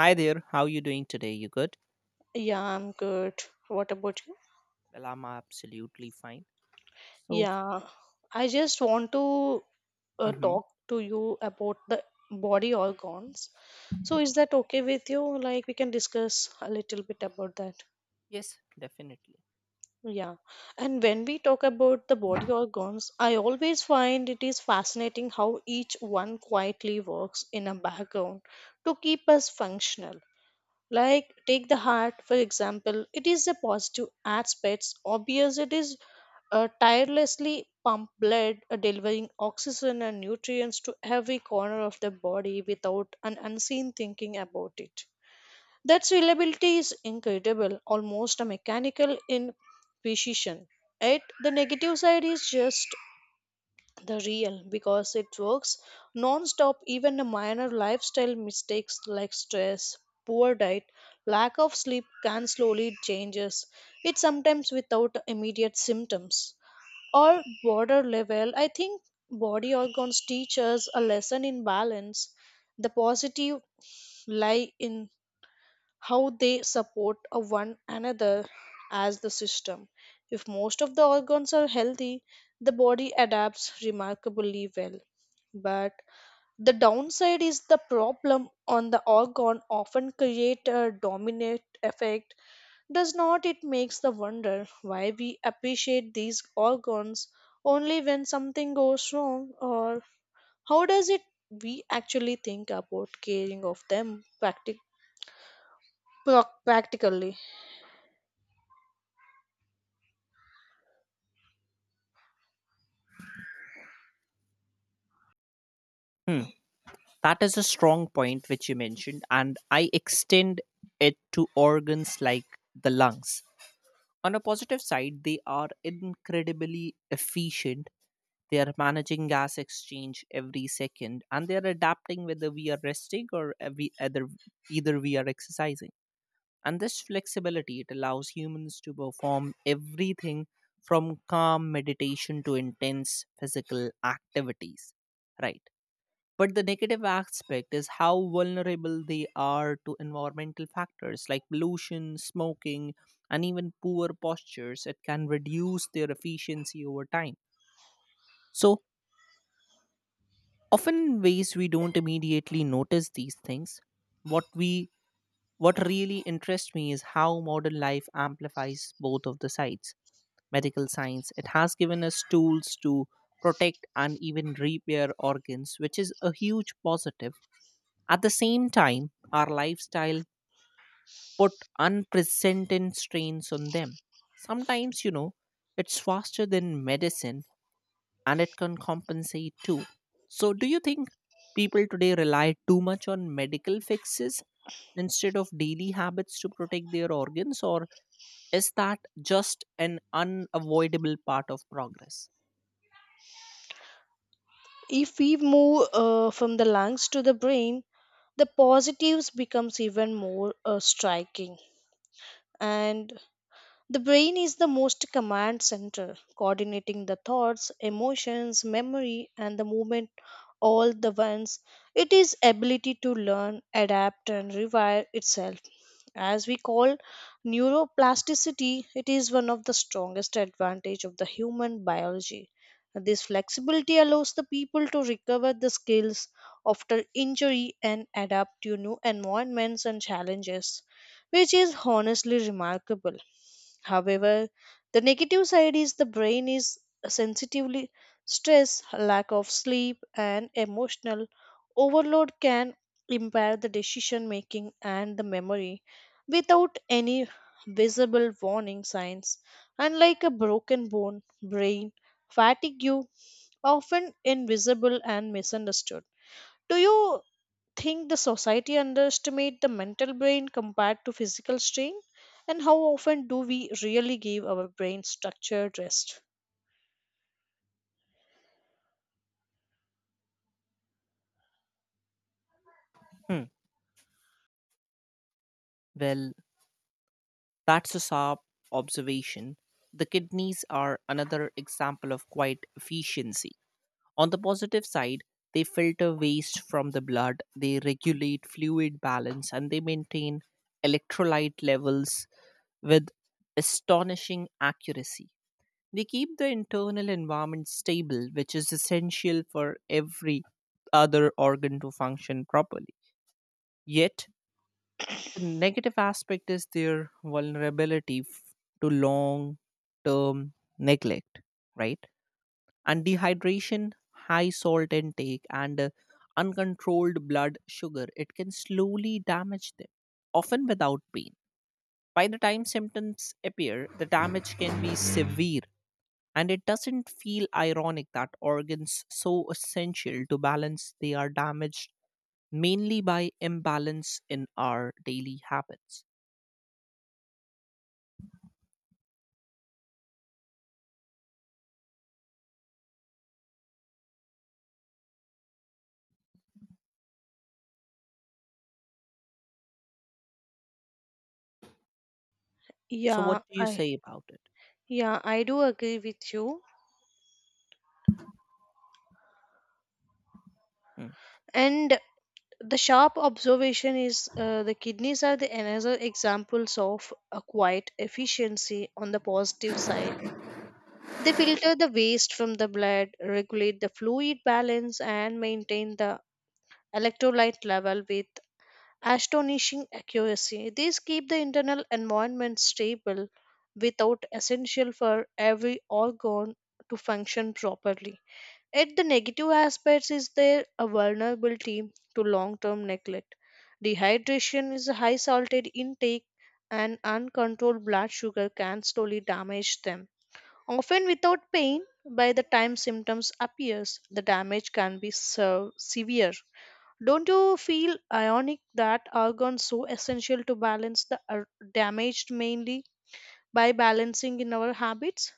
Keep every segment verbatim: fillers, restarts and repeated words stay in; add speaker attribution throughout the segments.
Speaker 1: Hi there, how you doing today? You good?
Speaker 2: Yeah, I'm good. What about you?
Speaker 1: Well, I'm absolutely fine. So,
Speaker 2: Yeah, I just want to uh,
Speaker 1: mhm,
Speaker 2: talk to you about the body organs. So, is that okay with you? Like, we can discuss a little bit about that.
Speaker 1: definitely.
Speaker 2: Yeah. And when we talk about the body organs, I always find it is fascinating how each one quietly works in a background to keep us functional. Like, take the heart, for example, it is a positive aspect. Obvious, it is uh, tirelessly pump blood, uh, delivering oxygen and nutrients to every corner of the body without an unseen thinking about it. That's reliability is incredible, almost a mechanical in precision. Yet the negative side is just the real because it works non-stop even the minor lifestyle mistakes like stress poor diet lack of sleep can slowly changes it sometimes without immediate symptoms or border level I think body organs teach us a lesson in balance the positive lie in how they support a one another as the system. If most of the organs are healthy, the body adapts remarkably well. But the downside is the problem on the organ often create a dominant effect. Does not it makes the wonder why we appreciate these organs only when something goes wrong or how does it we actually think about caring of them practic- Proc- practically.
Speaker 1: Hmm, That is a strong point which you mentioned, and I extend it to organs like the lungs. On a positive side, they are incredibly efficient. They are managing gas exchange every second, and they are adapting whether we are resting or uh, we, either, either we are exercising. And this flexibility it allows humans to perform everything from calm meditation to intense physical activities, right? But the negative aspect is how vulnerable they are to environmental factors like pollution, smoking, and even poor postures. It can reduce their efficiency over time. So often in ways we don't immediately notice these things. What we what really interests me is how modern life amplifies both of the sides medical science. It has given us tools to protect and even repair organs, which is a huge positive. At the same time, our lifestyle put unprecedented strains on them. Sometimes, you know, it's faster than medicine and it can compensate too. So, do you think people today rely too much on medical fixes instead of daily habits to protect their organs, or is that just an unavoidable part of progress?
Speaker 2: If we move uh, from the lungs to the brain, the positives becomes even more uh, striking. And the brain is the most command center, coordinating the thoughts, emotions, memory, and the movement all the ones. It is ability to learn, adapt, and rewire itself as we call neuroplasticity it is one of the strongest advantage of the human biology this flexibility allows the people to recover the skills after injury and adapt to new environments and challenges which is honestly remarkable. However, the negative side is the brain is sensitively stressed, lack of sleep, and emotional overload can impair the decision making and the memory without any visible warning signs. Unlike a broken bone, brain fatigue often invisible and misunderstood. Do you think the society underestimate the mental brain compared to physical strain? And how often do we really give our brain structured rest?
Speaker 1: Hmm. Well, that's a sharp observation. The kidneys are another example of quite efficiency. On the positive side, they filter waste from the blood, they regulate fluid balance, and they maintain electrolyte levels with astonishing accuracy. They keep the internal environment stable, which is essential for every other organ to function properly. Yet, the negative aspect is their vulnerability f- to long term neglect, right? And dehydration, high salt intake, and uh, uncontrolled blood sugar, it can slowly damage them, often without pain. By the time symptoms appear, the damage can be severe. And it doesn't feel ironic that organs so essential to balance they are damaged mainly by imbalance in our daily habits. So,
Speaker 2: Yeah,
Speaker 1: what do you
Speaker 2: I
Speaker 1: say about it?
Speaker 2: yeah, I do agree with you.
Speaker 1: Mm.
Speaker 2: And the sharp observation is uh, the kidneys are the another examples of a quiet efficiency on the positive side. They filter the waste from the blood, regulate the fluid balance, and maintain the electrolyte level with astonishing accuracy. These keep the internal environment stable without essential for every organ to function properly. Yet the negative aspects is their a vulnerability to long-term neglect. Dehydration is a high salted intake and uncontrolled blood sugar can slowly damage them. Often without pain, by the time symptoms appears, the damage can be so severe. Don't you feel ironic that argon, so essential to balance the are damaged mainly by balancing in our habits?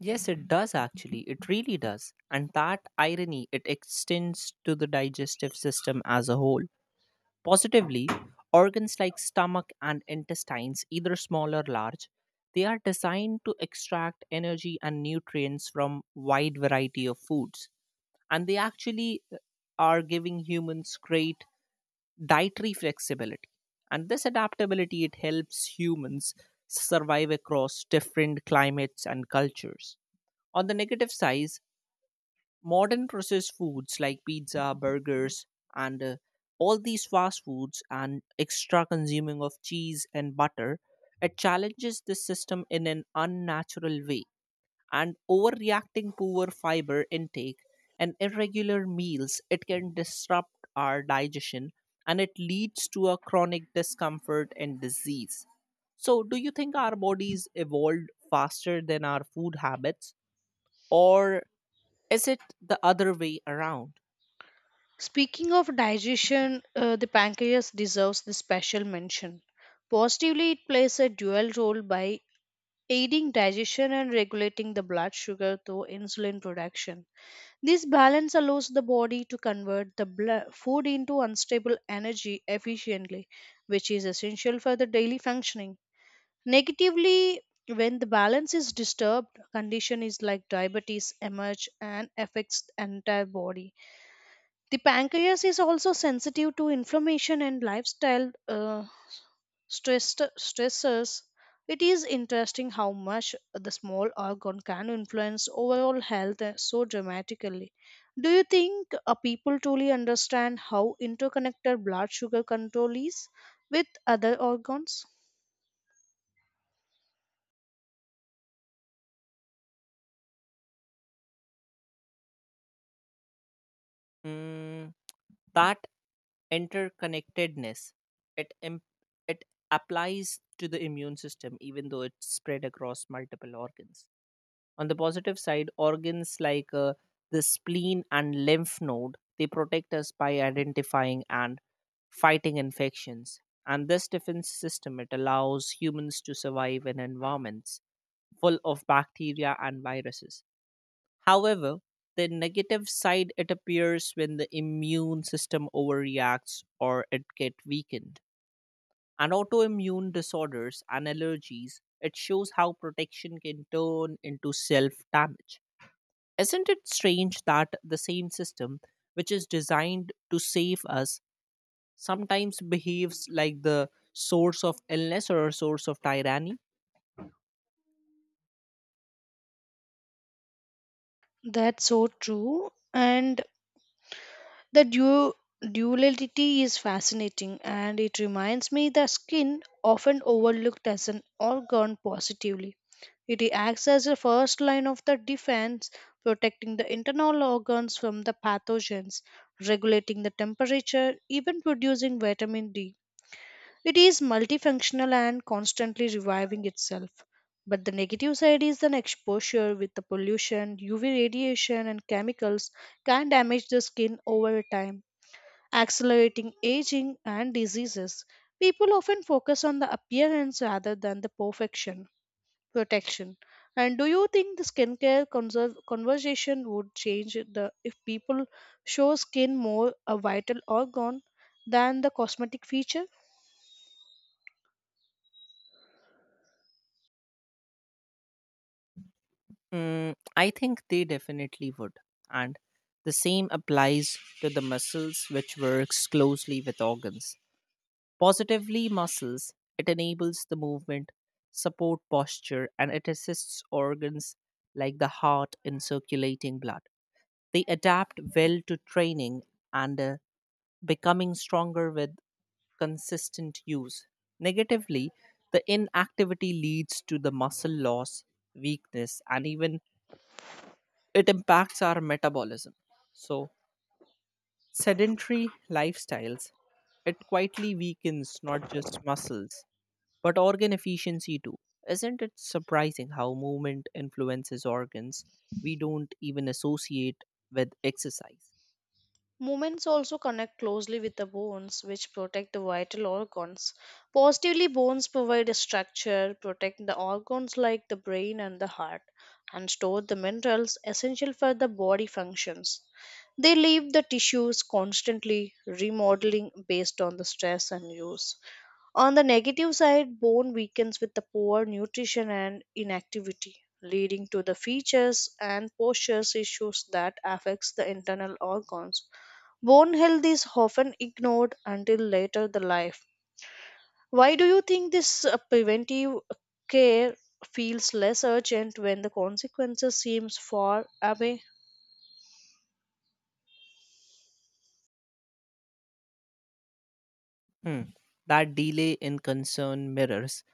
Speaker 1: Yes, it does actually. It really does. And that irony, it extends to the digestive system as a whole. Positively, organs like stomach and intestines, either small or large, they are designed to extract energy and nutrients from wide variety of foods. And they actually uh, are giving humans great dietary flexibility, and this adaptability it helps humans survive across different climates and cultures. On the negative side, modern processed foods like pizza, burgers, and uh, all these fast foods and extra consuming of cheese and butter, it challenges the system in an unnatural way, and overreacting poor fiber intake and irregular meals, it can disrupt our digestion and it leads to a chronic discomfort and disease. So do you think our bodies evolved faster than our food habits, or is it the other way around?
Speaker 2: Speaking of digestion, uh, the pancreas deserves the special mention. Positively, it plays a dual role by aiding digestion and regulating the blood sugar through insulin production. This balance allows the body to convert the blood food into unstable energy efficiently, which is essential for the daily functioning. Negatively, when the balance is disturbed, condition is like diabetes emerge and affects the entire body. The pancreas is also sensitive to inflammation and lifestyle uh, stress, stressors. It is interesting how much the small organ can influence overall health uh, so dramatically. Do you think uh, people truly understand how interconnected blood sugar control is with other organs?
Speaker 1: Mm, that interconnectedness it imp- it applies to the immune system even though it's spread across multiple organs. On the positive side, organs like uh, the spleen and lymph node, they protect us by identifying and fighting infections. And this defense system, it allows humans to survive in environments full of bacteria and viruses. However, the negative side it appears when the immune system overreacts or it get weakened. And autoimmune disorders and allergies, it shows how protection can turn into self damage. Isn't it strange that the same system which is designed to save us sometimes behaves like the source of illness or a source of tyranny?
Speaker 2: That's so true. And the du- duality is fascinating and it reminds me the skin, often overlooked as an organ positively, it acts as a first line of the defense, protecting the internal organs from the pathogens, regulating the temperature, even producing vitamin D it is multifunctional and constantly reviving itself. But the negative side is an exposure with the pollution, U V radiation, and chemicals can damage the skin over time, accelerating aging and diseases. People often focus on the appearance rather than the perfection protection. And do you think the skincare conserv- conversation would change the if people show skin more a vital organ than the cosmetic feature?
Speaker 1: Mm, I think they definitely would. And the same applies to the muscles which works closely with organs. Positively muscles, it enables the movement, support posture, and it assists organs like the heart in circulating blood. They adapt well to training and uh, becoming stronger with consistent use. Negatively, the inactivity leads to the muscle loss, weakness, and even it impacts our metabolism. So, sedentary lifestyles, it quietly weakens not just muscles but organ efficiency too. Isn't it surprising how movement influences organs we don't even associate with exercise?
Speaker 2: Movements also connect closely with the bones, which protect the vital organs. Positively, bones provide a structure, protect the organs like the brain and the heart, and store the minerals essential for the body functions. They leave the tissues constantly remodeling based on the stress and use. On the negative side, bone weakens with the poor nutrition and inactivity, leading to the features and posture issues that affects the internal organs. Bone health is often ignored until later in the life. Why do you think this uh, preventive care feels less urgent when the consequences seems far away?
Speaker 1: Hmm. That delay in concern mirrors.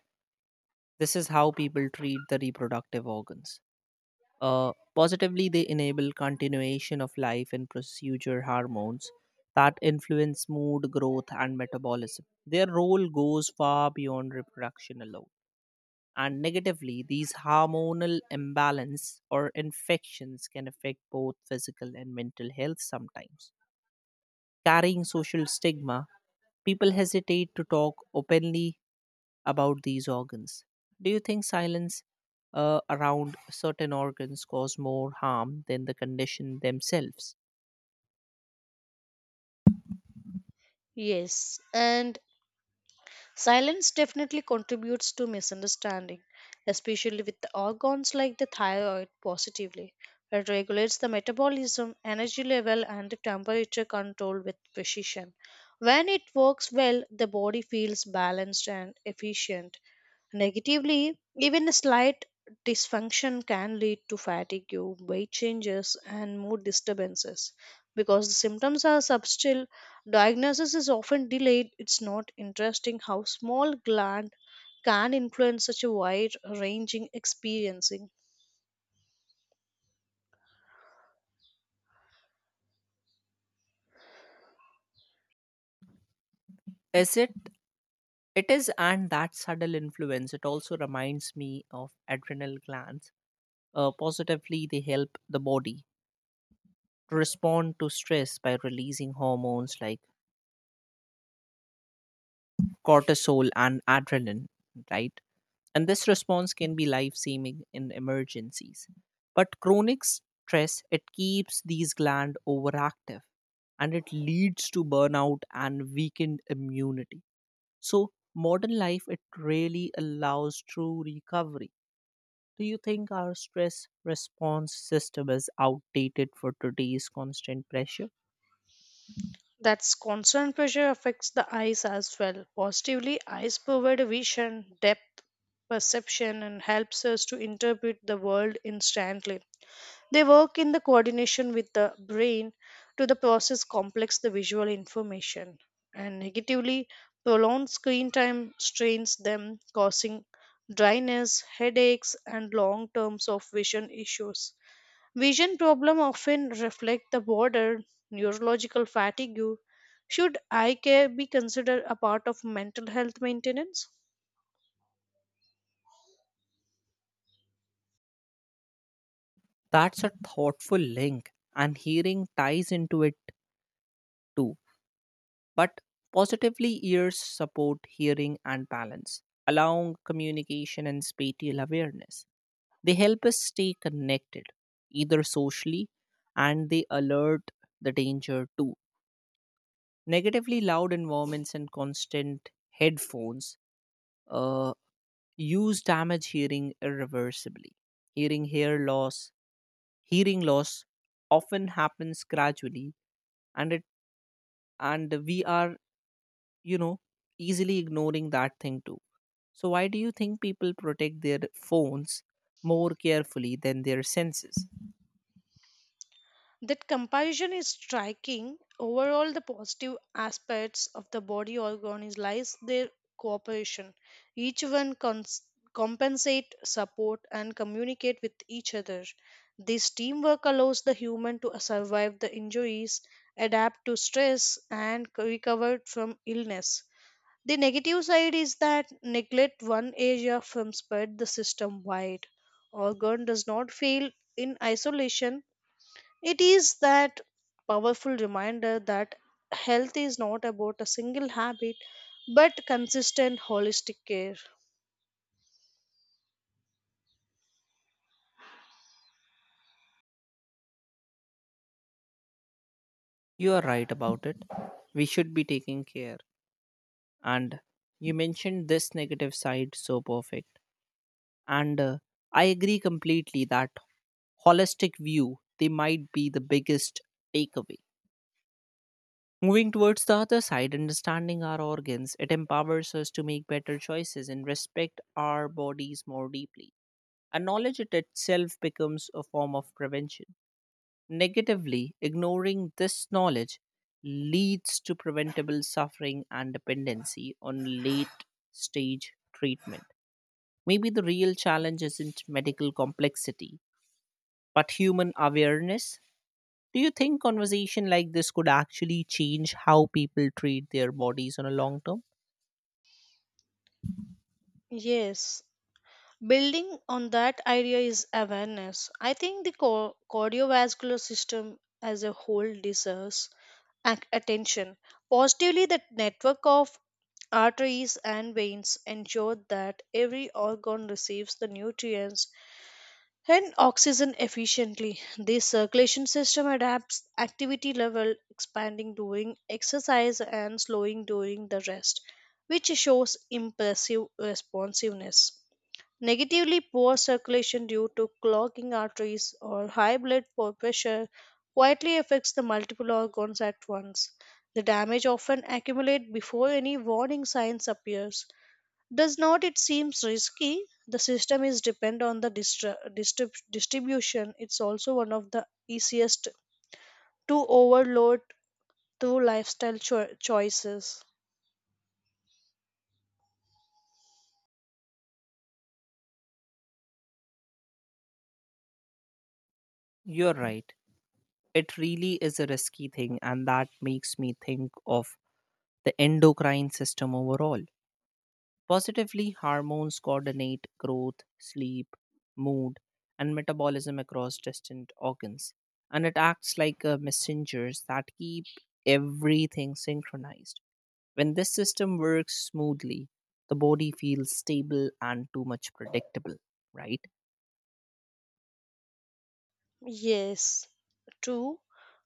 Speaker 1: This is how people treat the reproductive organs. Uh, positively, they enable continuation of life and procedure hormones that influence mood, growth, and metabolism. Their role goes far beyond reproduction alone. And negatively, these hormonal imbalance or infections can affect both physical and mental health, sometimes carrying social stigma. People hesitate to talk openly about these organs. Do you think silence uh, around certain organs cause more harm than the condition themselves?
Speaker 2: Yes, and silence definitely contributes to misunderstanding, especially with the organs like the thyroid positively. It regulates the metabolism, energy level, and the temperature control with precision. When it works well, the body feels balanced and efficient. Negatively, even a slight dysfunction can lead to fatigue, weight changes, and mood disturbances. Because the symptoms are subtle, diagnosis is often delayed. It's not interesting how small gland can influence such a wide ranging experiencing.
Speaker 1: Is it It is, and that subtle influence it also reminds me of adrenal glands. Uh, positively, they help the body to respond to stress by releasing hormones like cortisol and adrenaline, right? And this response can be life saving in emergencies. But chronic stress, it keeps these glands overactive and it leads to burnout and weakened immunity. So, modern life, it really allows true recovery. Do you think our stress response system is outdated for today's constant pressure?
Speaker 2: That's constant pressure affects the eyes as well. Positively, eyes provide a vision, depth, perception, and helps us to interpret the world instantly. They work in the coordination with the brain to the process complex the visual information and negatively prolonged screen time strains them causing dryness, headaches and long terms of vision issues. Vision problem often reflect the broader neurological fatigue. Should eye care be considered a part of mental health maintenance?
Speaker 1: That's a thoughtful link, and hearing ties into it too. But positively, ears support hearing and balance, allowing communication and spatial awareness. They help us stay connected, either socially, and they alert the danger too. Negatively, loud environments and constant headphones uh, use damage hearing irreversibly. Hearing hair loss, hearing loss often happens gradually, and it and we are you know easily ignoring that thing too. So why do you think people protect their phones more carefully than their senses?
Speaker 2: That comparison is striking. Overall, the positive aspects of the body organ lies their cooperation. Each one cons- compensate, support, and communicate with each other. This teamwork allows the human to survive the injuries, adapt to stress, and c- recover from illness. The negative side is that neglect one area from spread the system wide. Organ does not fail in isolation it is that powerful reminder that health is not about a single habit but consistent holistic care.
Speaker 1: You are right about it. We should be taking care. And you mentioned this negative side so perfect. And uh, I agree completely that holistic view they might be the biggest takeaway. Moving towards the other side, understanding our organs it empowers us to make better choices and respect our bodies more deeply, and knowledge it itself becomes a form of prevention. Negatively, ignoring this knowledge leads to preventable suffering and dependency on late stage treatment. Maybe the real challenge isn't medical complexity, but human awareness. Do you think conversation like this could actually change how people treat their bodies on a long term?
Speaker 2: Yes, building on that idea is awareness. I think the co- cardiovascular system as a whole deserves ac- attention. Positively, the network of arteries and veins ensure that every organ receives the nutrients and oxygen efficiently. This circulation system adapts activity level, expanding during exercise and slowing during the rest, which shows impressive responsiveness. Negatively, poor circulation due to clogging arteries or high blood pressure quietly affects the multiple organs at once. The damage often accumulates before any warning signs appears does not it seems risky? The system is depend on the distri- distrib- distribution. It's also one of the easiest to overload through lifestyle cho- choices.
Speaker 1: You're right. It really is a risky thing, and that makes me think of the endocrine system overall. Positively, hormones coordinate growth, sleep, mood, and metabolism across distant organs. And it acts like uh, messengers that keep everything synchronized. When this system works smoothly, the body feels stable and too much predictable, right?
Speaker 2: Yes, true.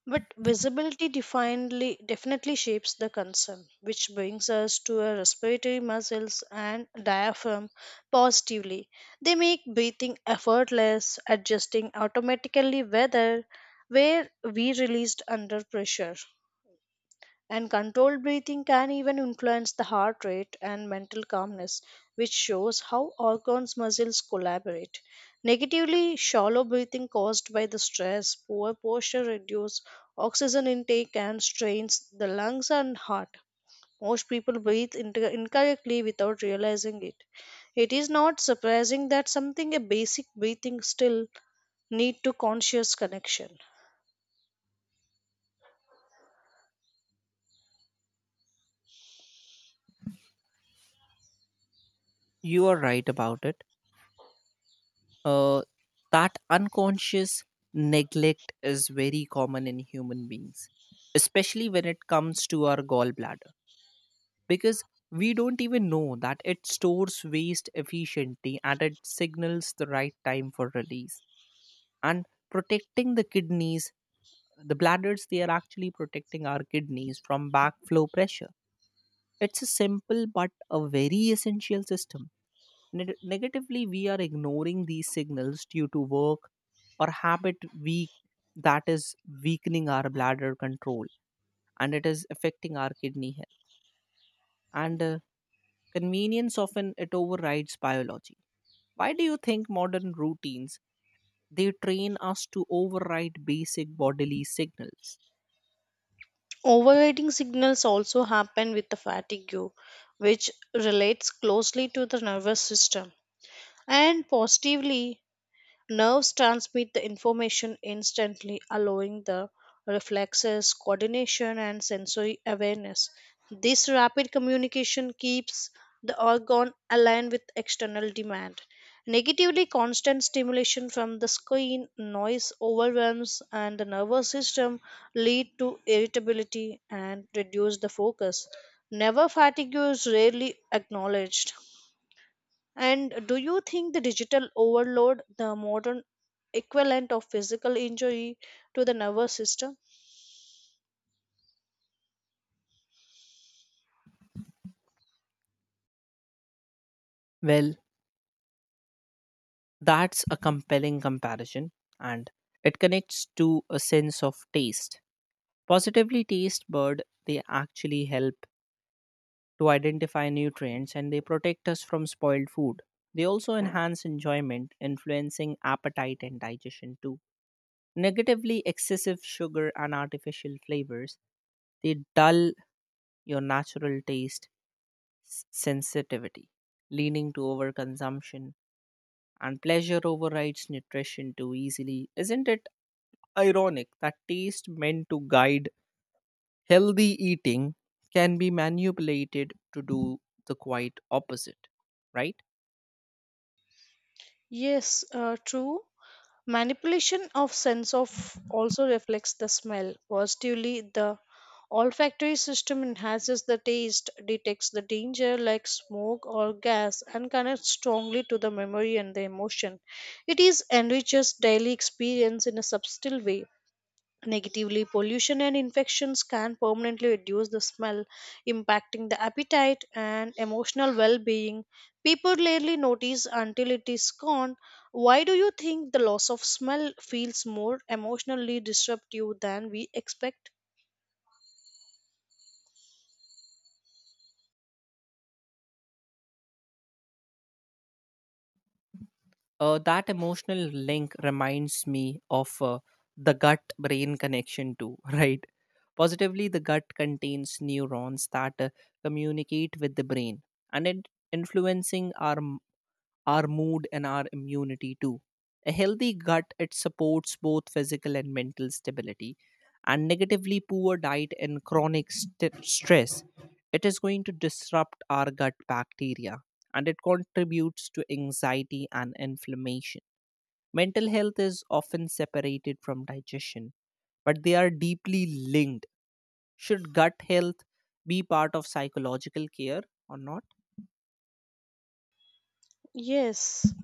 Speaker 2: But visibility definitely definitely shapes the concern, which brings us to our respiratory muscles and diaphragm positively. They make breathing effortless, adjusting automatically whether where we released under pressure. And controlled breathing can even influence the heart rate and mental calmness, which shows how organs' muscles collaborate. Negatively, shallow breathing caused by the stress, poor posture reduce oxygen intake and strains the lungs and heart. Most people breathe inter- incorrectly without realizing it. It is not surprising that something a basic breathing still need to conscious connection.
Speaker 1: You are right about it. Uh, that unconscious neglect is very common in human beings, especially when it comes to our gallbladder. Because we don't even know that it stores waste efficiently and it signals the right time for release. And protecting the kidneys, the bladders, they are actually protecting our kidneys from backflow pressure. It's a simple but a very essential system. Neg- negatively, we are ignoring these signals due to work or habit weak, that is weakening our bladder control and it is affecting our kidney health. And uh, convenience often it overrides biology. Why do you think modern routines they train us to override basic bodily signals?
Speaker 2: Overeating signals also happen with the fatigue, which relates closely to the nervous system and positively. Nerves transmit the information instantly, allowing the reflexes, coordination, and sensory awareness. This rapid communication keeps the organ aligned with external demand. Negatively, constant stimulation from the screen, noise overwhelms, and the nervous system lead to irritability and reduce the focus. Never fatigue is rarely acknowledged. And do you think the digital overload, the modern equivalent of physical injury to the nervous system?
Speaker 1: Well, that's a compelling comparison, and it connects to a sense of taste. Positively, taste bird they actually help to identify nutrients and they protect us from spoiled food. They also enhance enjoyment, influencing appetite and digestion too. Negatively, excessive sugar and artificial flavors, they dull your natural taste s- sensitivity, leading to overconsumption, and pleasure overrides nutrition too easily. Isn't it ironic that taste meant to guide healthy eating can be manipulated to do the quite opposite, right?
Speaker 2: Yes, uh, true. Manipulation of sense of also reflects the smell. Positively, the olfactory system enhances the taste, detects the danger like smoke or gas, and connects strongly to the memory and the emotion. It is enriches daily experience in a subtle way. Negatively, pollution and infections can permanently reduce the smell, impacting the appetite and emotional well being. People rarely notice until it is gone. Why do you think the loss of smell feels more emotionally disruptive than we expect?
Speaker 1: Uh, that emotional link reminds me of uh, the gut brain connection too right? Positively, the gut contains neurons that uh, communicate with the brain, and it influencing our our mood and our immunity too. A healthy gut it supports both physical and mental stability. And negatively, poor diet and chronic st- stress, it is going to disrupt our gut bacteria and it contributes to anxiety and inflammation. Mental health is often separated from digestion, but they are deeply linked. Should gut health be part of psychological care or not?
Speaker 2: Yes,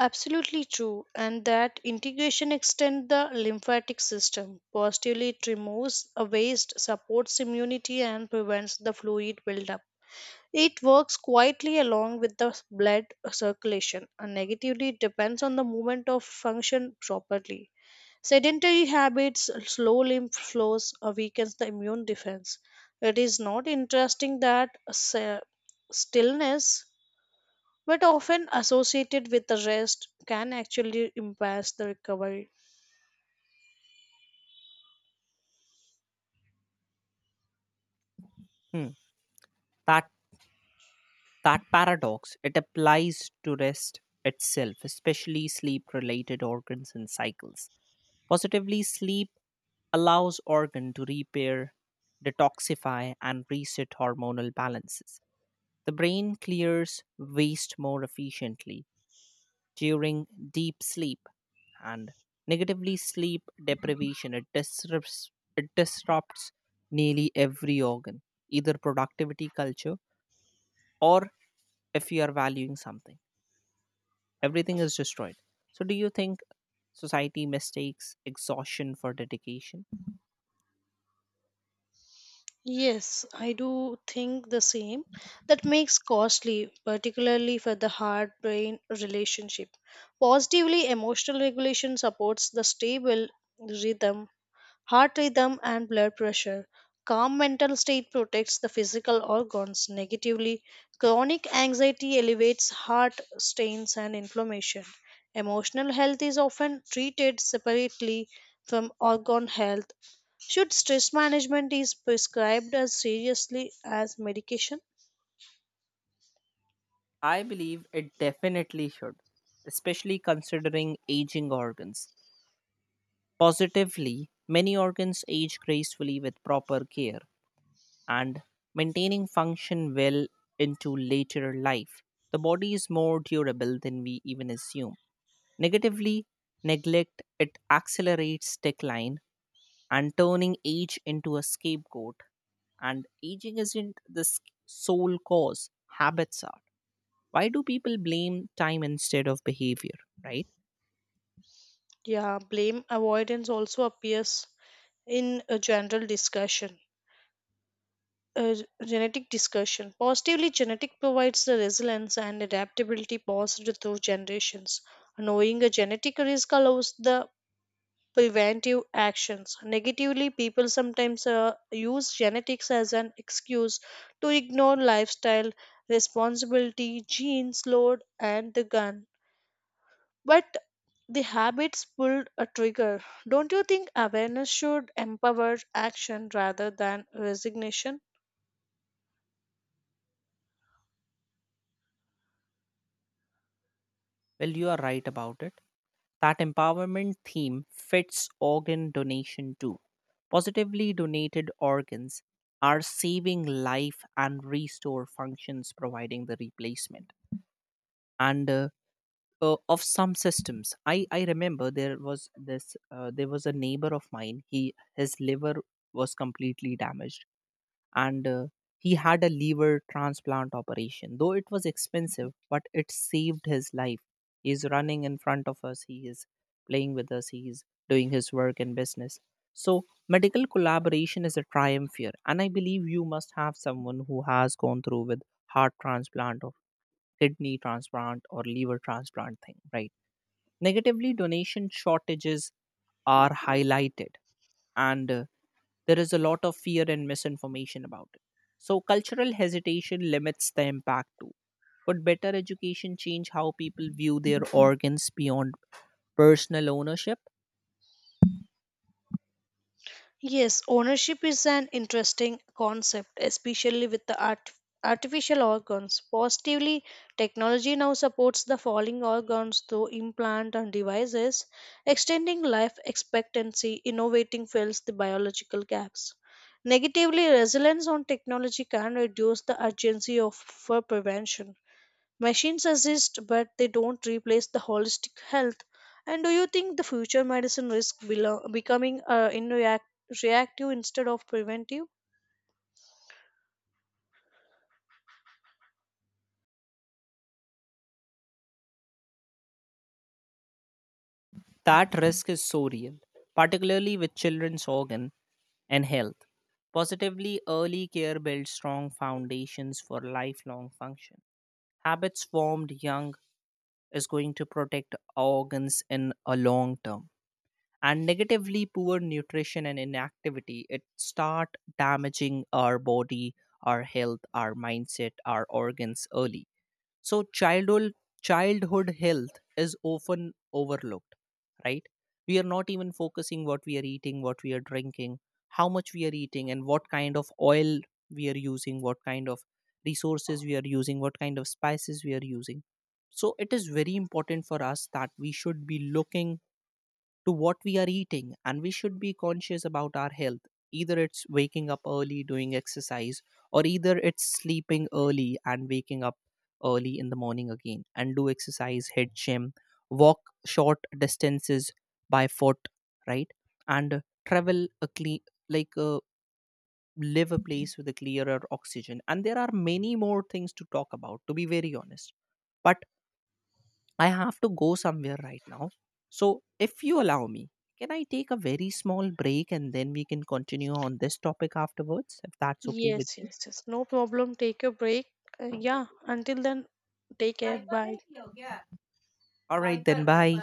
Speaker 2: absolutely true. And that integration extends the lymphatic system. Positively, it removes a waste, supports immunity, and prevents the fluid buildup. It works quietly along with the blood circulation and negatively depends on the movement of function properly. Sedentary habits, slow lymph flows, uh, weakens the immune defense. It is not interesting that se- stillness, but often associated with the rest, can actually impair the recovery.
Speaker 1: Hmm. That That paradox, it applies to rest itself, especially sleep related organs and cycles. Positively, sleep allows organ to repair, detoxify and reset hormonal balances. The brain clears waste more efficiently during deep sleep. And negatively, sleep deprivation it disrupts it disrupts nearly every organ, either productivity culture or if you are valuing something. Everything is destroyed. So do you think society mistakes exhaustion for dedication?
Speaker 2: Yes, I do think the same. That makes costly, particularly for the heart brain relationship. Positively, emotional regulation supports the stable rhythm. Heart rhythm and blood pressure. Calm mental state protects the physical organs negatively. Chronic anxiety elevates heart strains and inflammation. Emotional health is often treated separately from organ health. Should stress management is prescribed as seriously as medication?
Speaker 1: I believe it definitely should, especially considering aging organs. Positively, many organs age gracefully with proper care and maintaining function well into later life. The body is more durable than we even assume. Negatively, neglect it accelerates decline and turning age into a scapegoat. And aging isn't the s- sole cause, habits are. Why do people blame time instead of behavior, right?
Speaker 2: Yeah, blame avoidance also appears in a general discussion. uh, Genetic discussion. Positively, genetic provides the resilience and adaptability passed through generations. Knowing a genetic risk allows the preventive actions. Negatively, people sometimes uh, use genetics as an excuse to ignore lifestyle responsibility, genes, load, and the gun. But the habits pulled a trigger. Don't you think awareness should empower action rather than resignation?
Speaker 1: Well, you are right about it. That empowerment theme fits organ donation too. Positively, donated organs are saving life and restore functions providing the replacement. And uh, uh, of some systems, i i remember there was this uh, there was a neighbor of mine. He his liver was completely damaged, and uh, he had a liver transplant operation. Though it was expensive, but it saved his life. He's running in front of us, he is playing with us, he is doing his work and business. So medical collaboration is a triumph here, and I believe you must have someone who has gone through with heart transplant or kidney transplant or liver transplant thing, right? Negatively, donation shortages are highlighted, and uh, there is a lot of fear and misinformation about it. So, cultural hesitation limits the impact too. Could better education change how people view their organs beyond personal ownership?
Speaker 2: Yes, ownership is an interesting concept, especially with the art- artificial organs. Positively, technology now supports the falling organs through implant and devices, extending life expectancy, innovating fills the biological gaps. Negatively, reliance on technology can reduce the urgency of for prevention. Machines assist, but they don't replace the holistic health. And do you think the future medicine risks belo- becoming uh, in react- reactive instead of preventive?
Speaker 1: That risk is so real, particularly with children's organ and health. Positively, early care builds strong foundations for lifelong function. Habits formed young is going to protect organs in a long term. And negatively, poor nutrition and inactivity, it start damaging our body, our health, our mindset, our organs early. So childhood childhood health is often overlooked, right? We are not even focusing what we are eating, what we are drinking, how much we are eating, and what kind of oil we are using, what kind of resources we are using, what kind of spices we are using. So it is very important for us that we should be looking to what we are eating, and we should be conscious about our health. Either it's waking up early, doing exercise, or either it's sleeping early and waking up early in the morning again and do exercise, head gym, walk short distances by foot, right? And travel a clean, like uh, live a place with a clearer oxygen. And there are many more things to talk about, to be very honest. But I have to go somewhere right now. So, if you allow me, can I take a very small break and then we can continue on this topic afterwards if that's okay with
Speaker 2: Yes,
Speaker 1: you?
Speaker 2: yes, yes. No problem. Take a break. Uh, yeah, until then, take care. Bye.
Speaker 1: All right, then bye.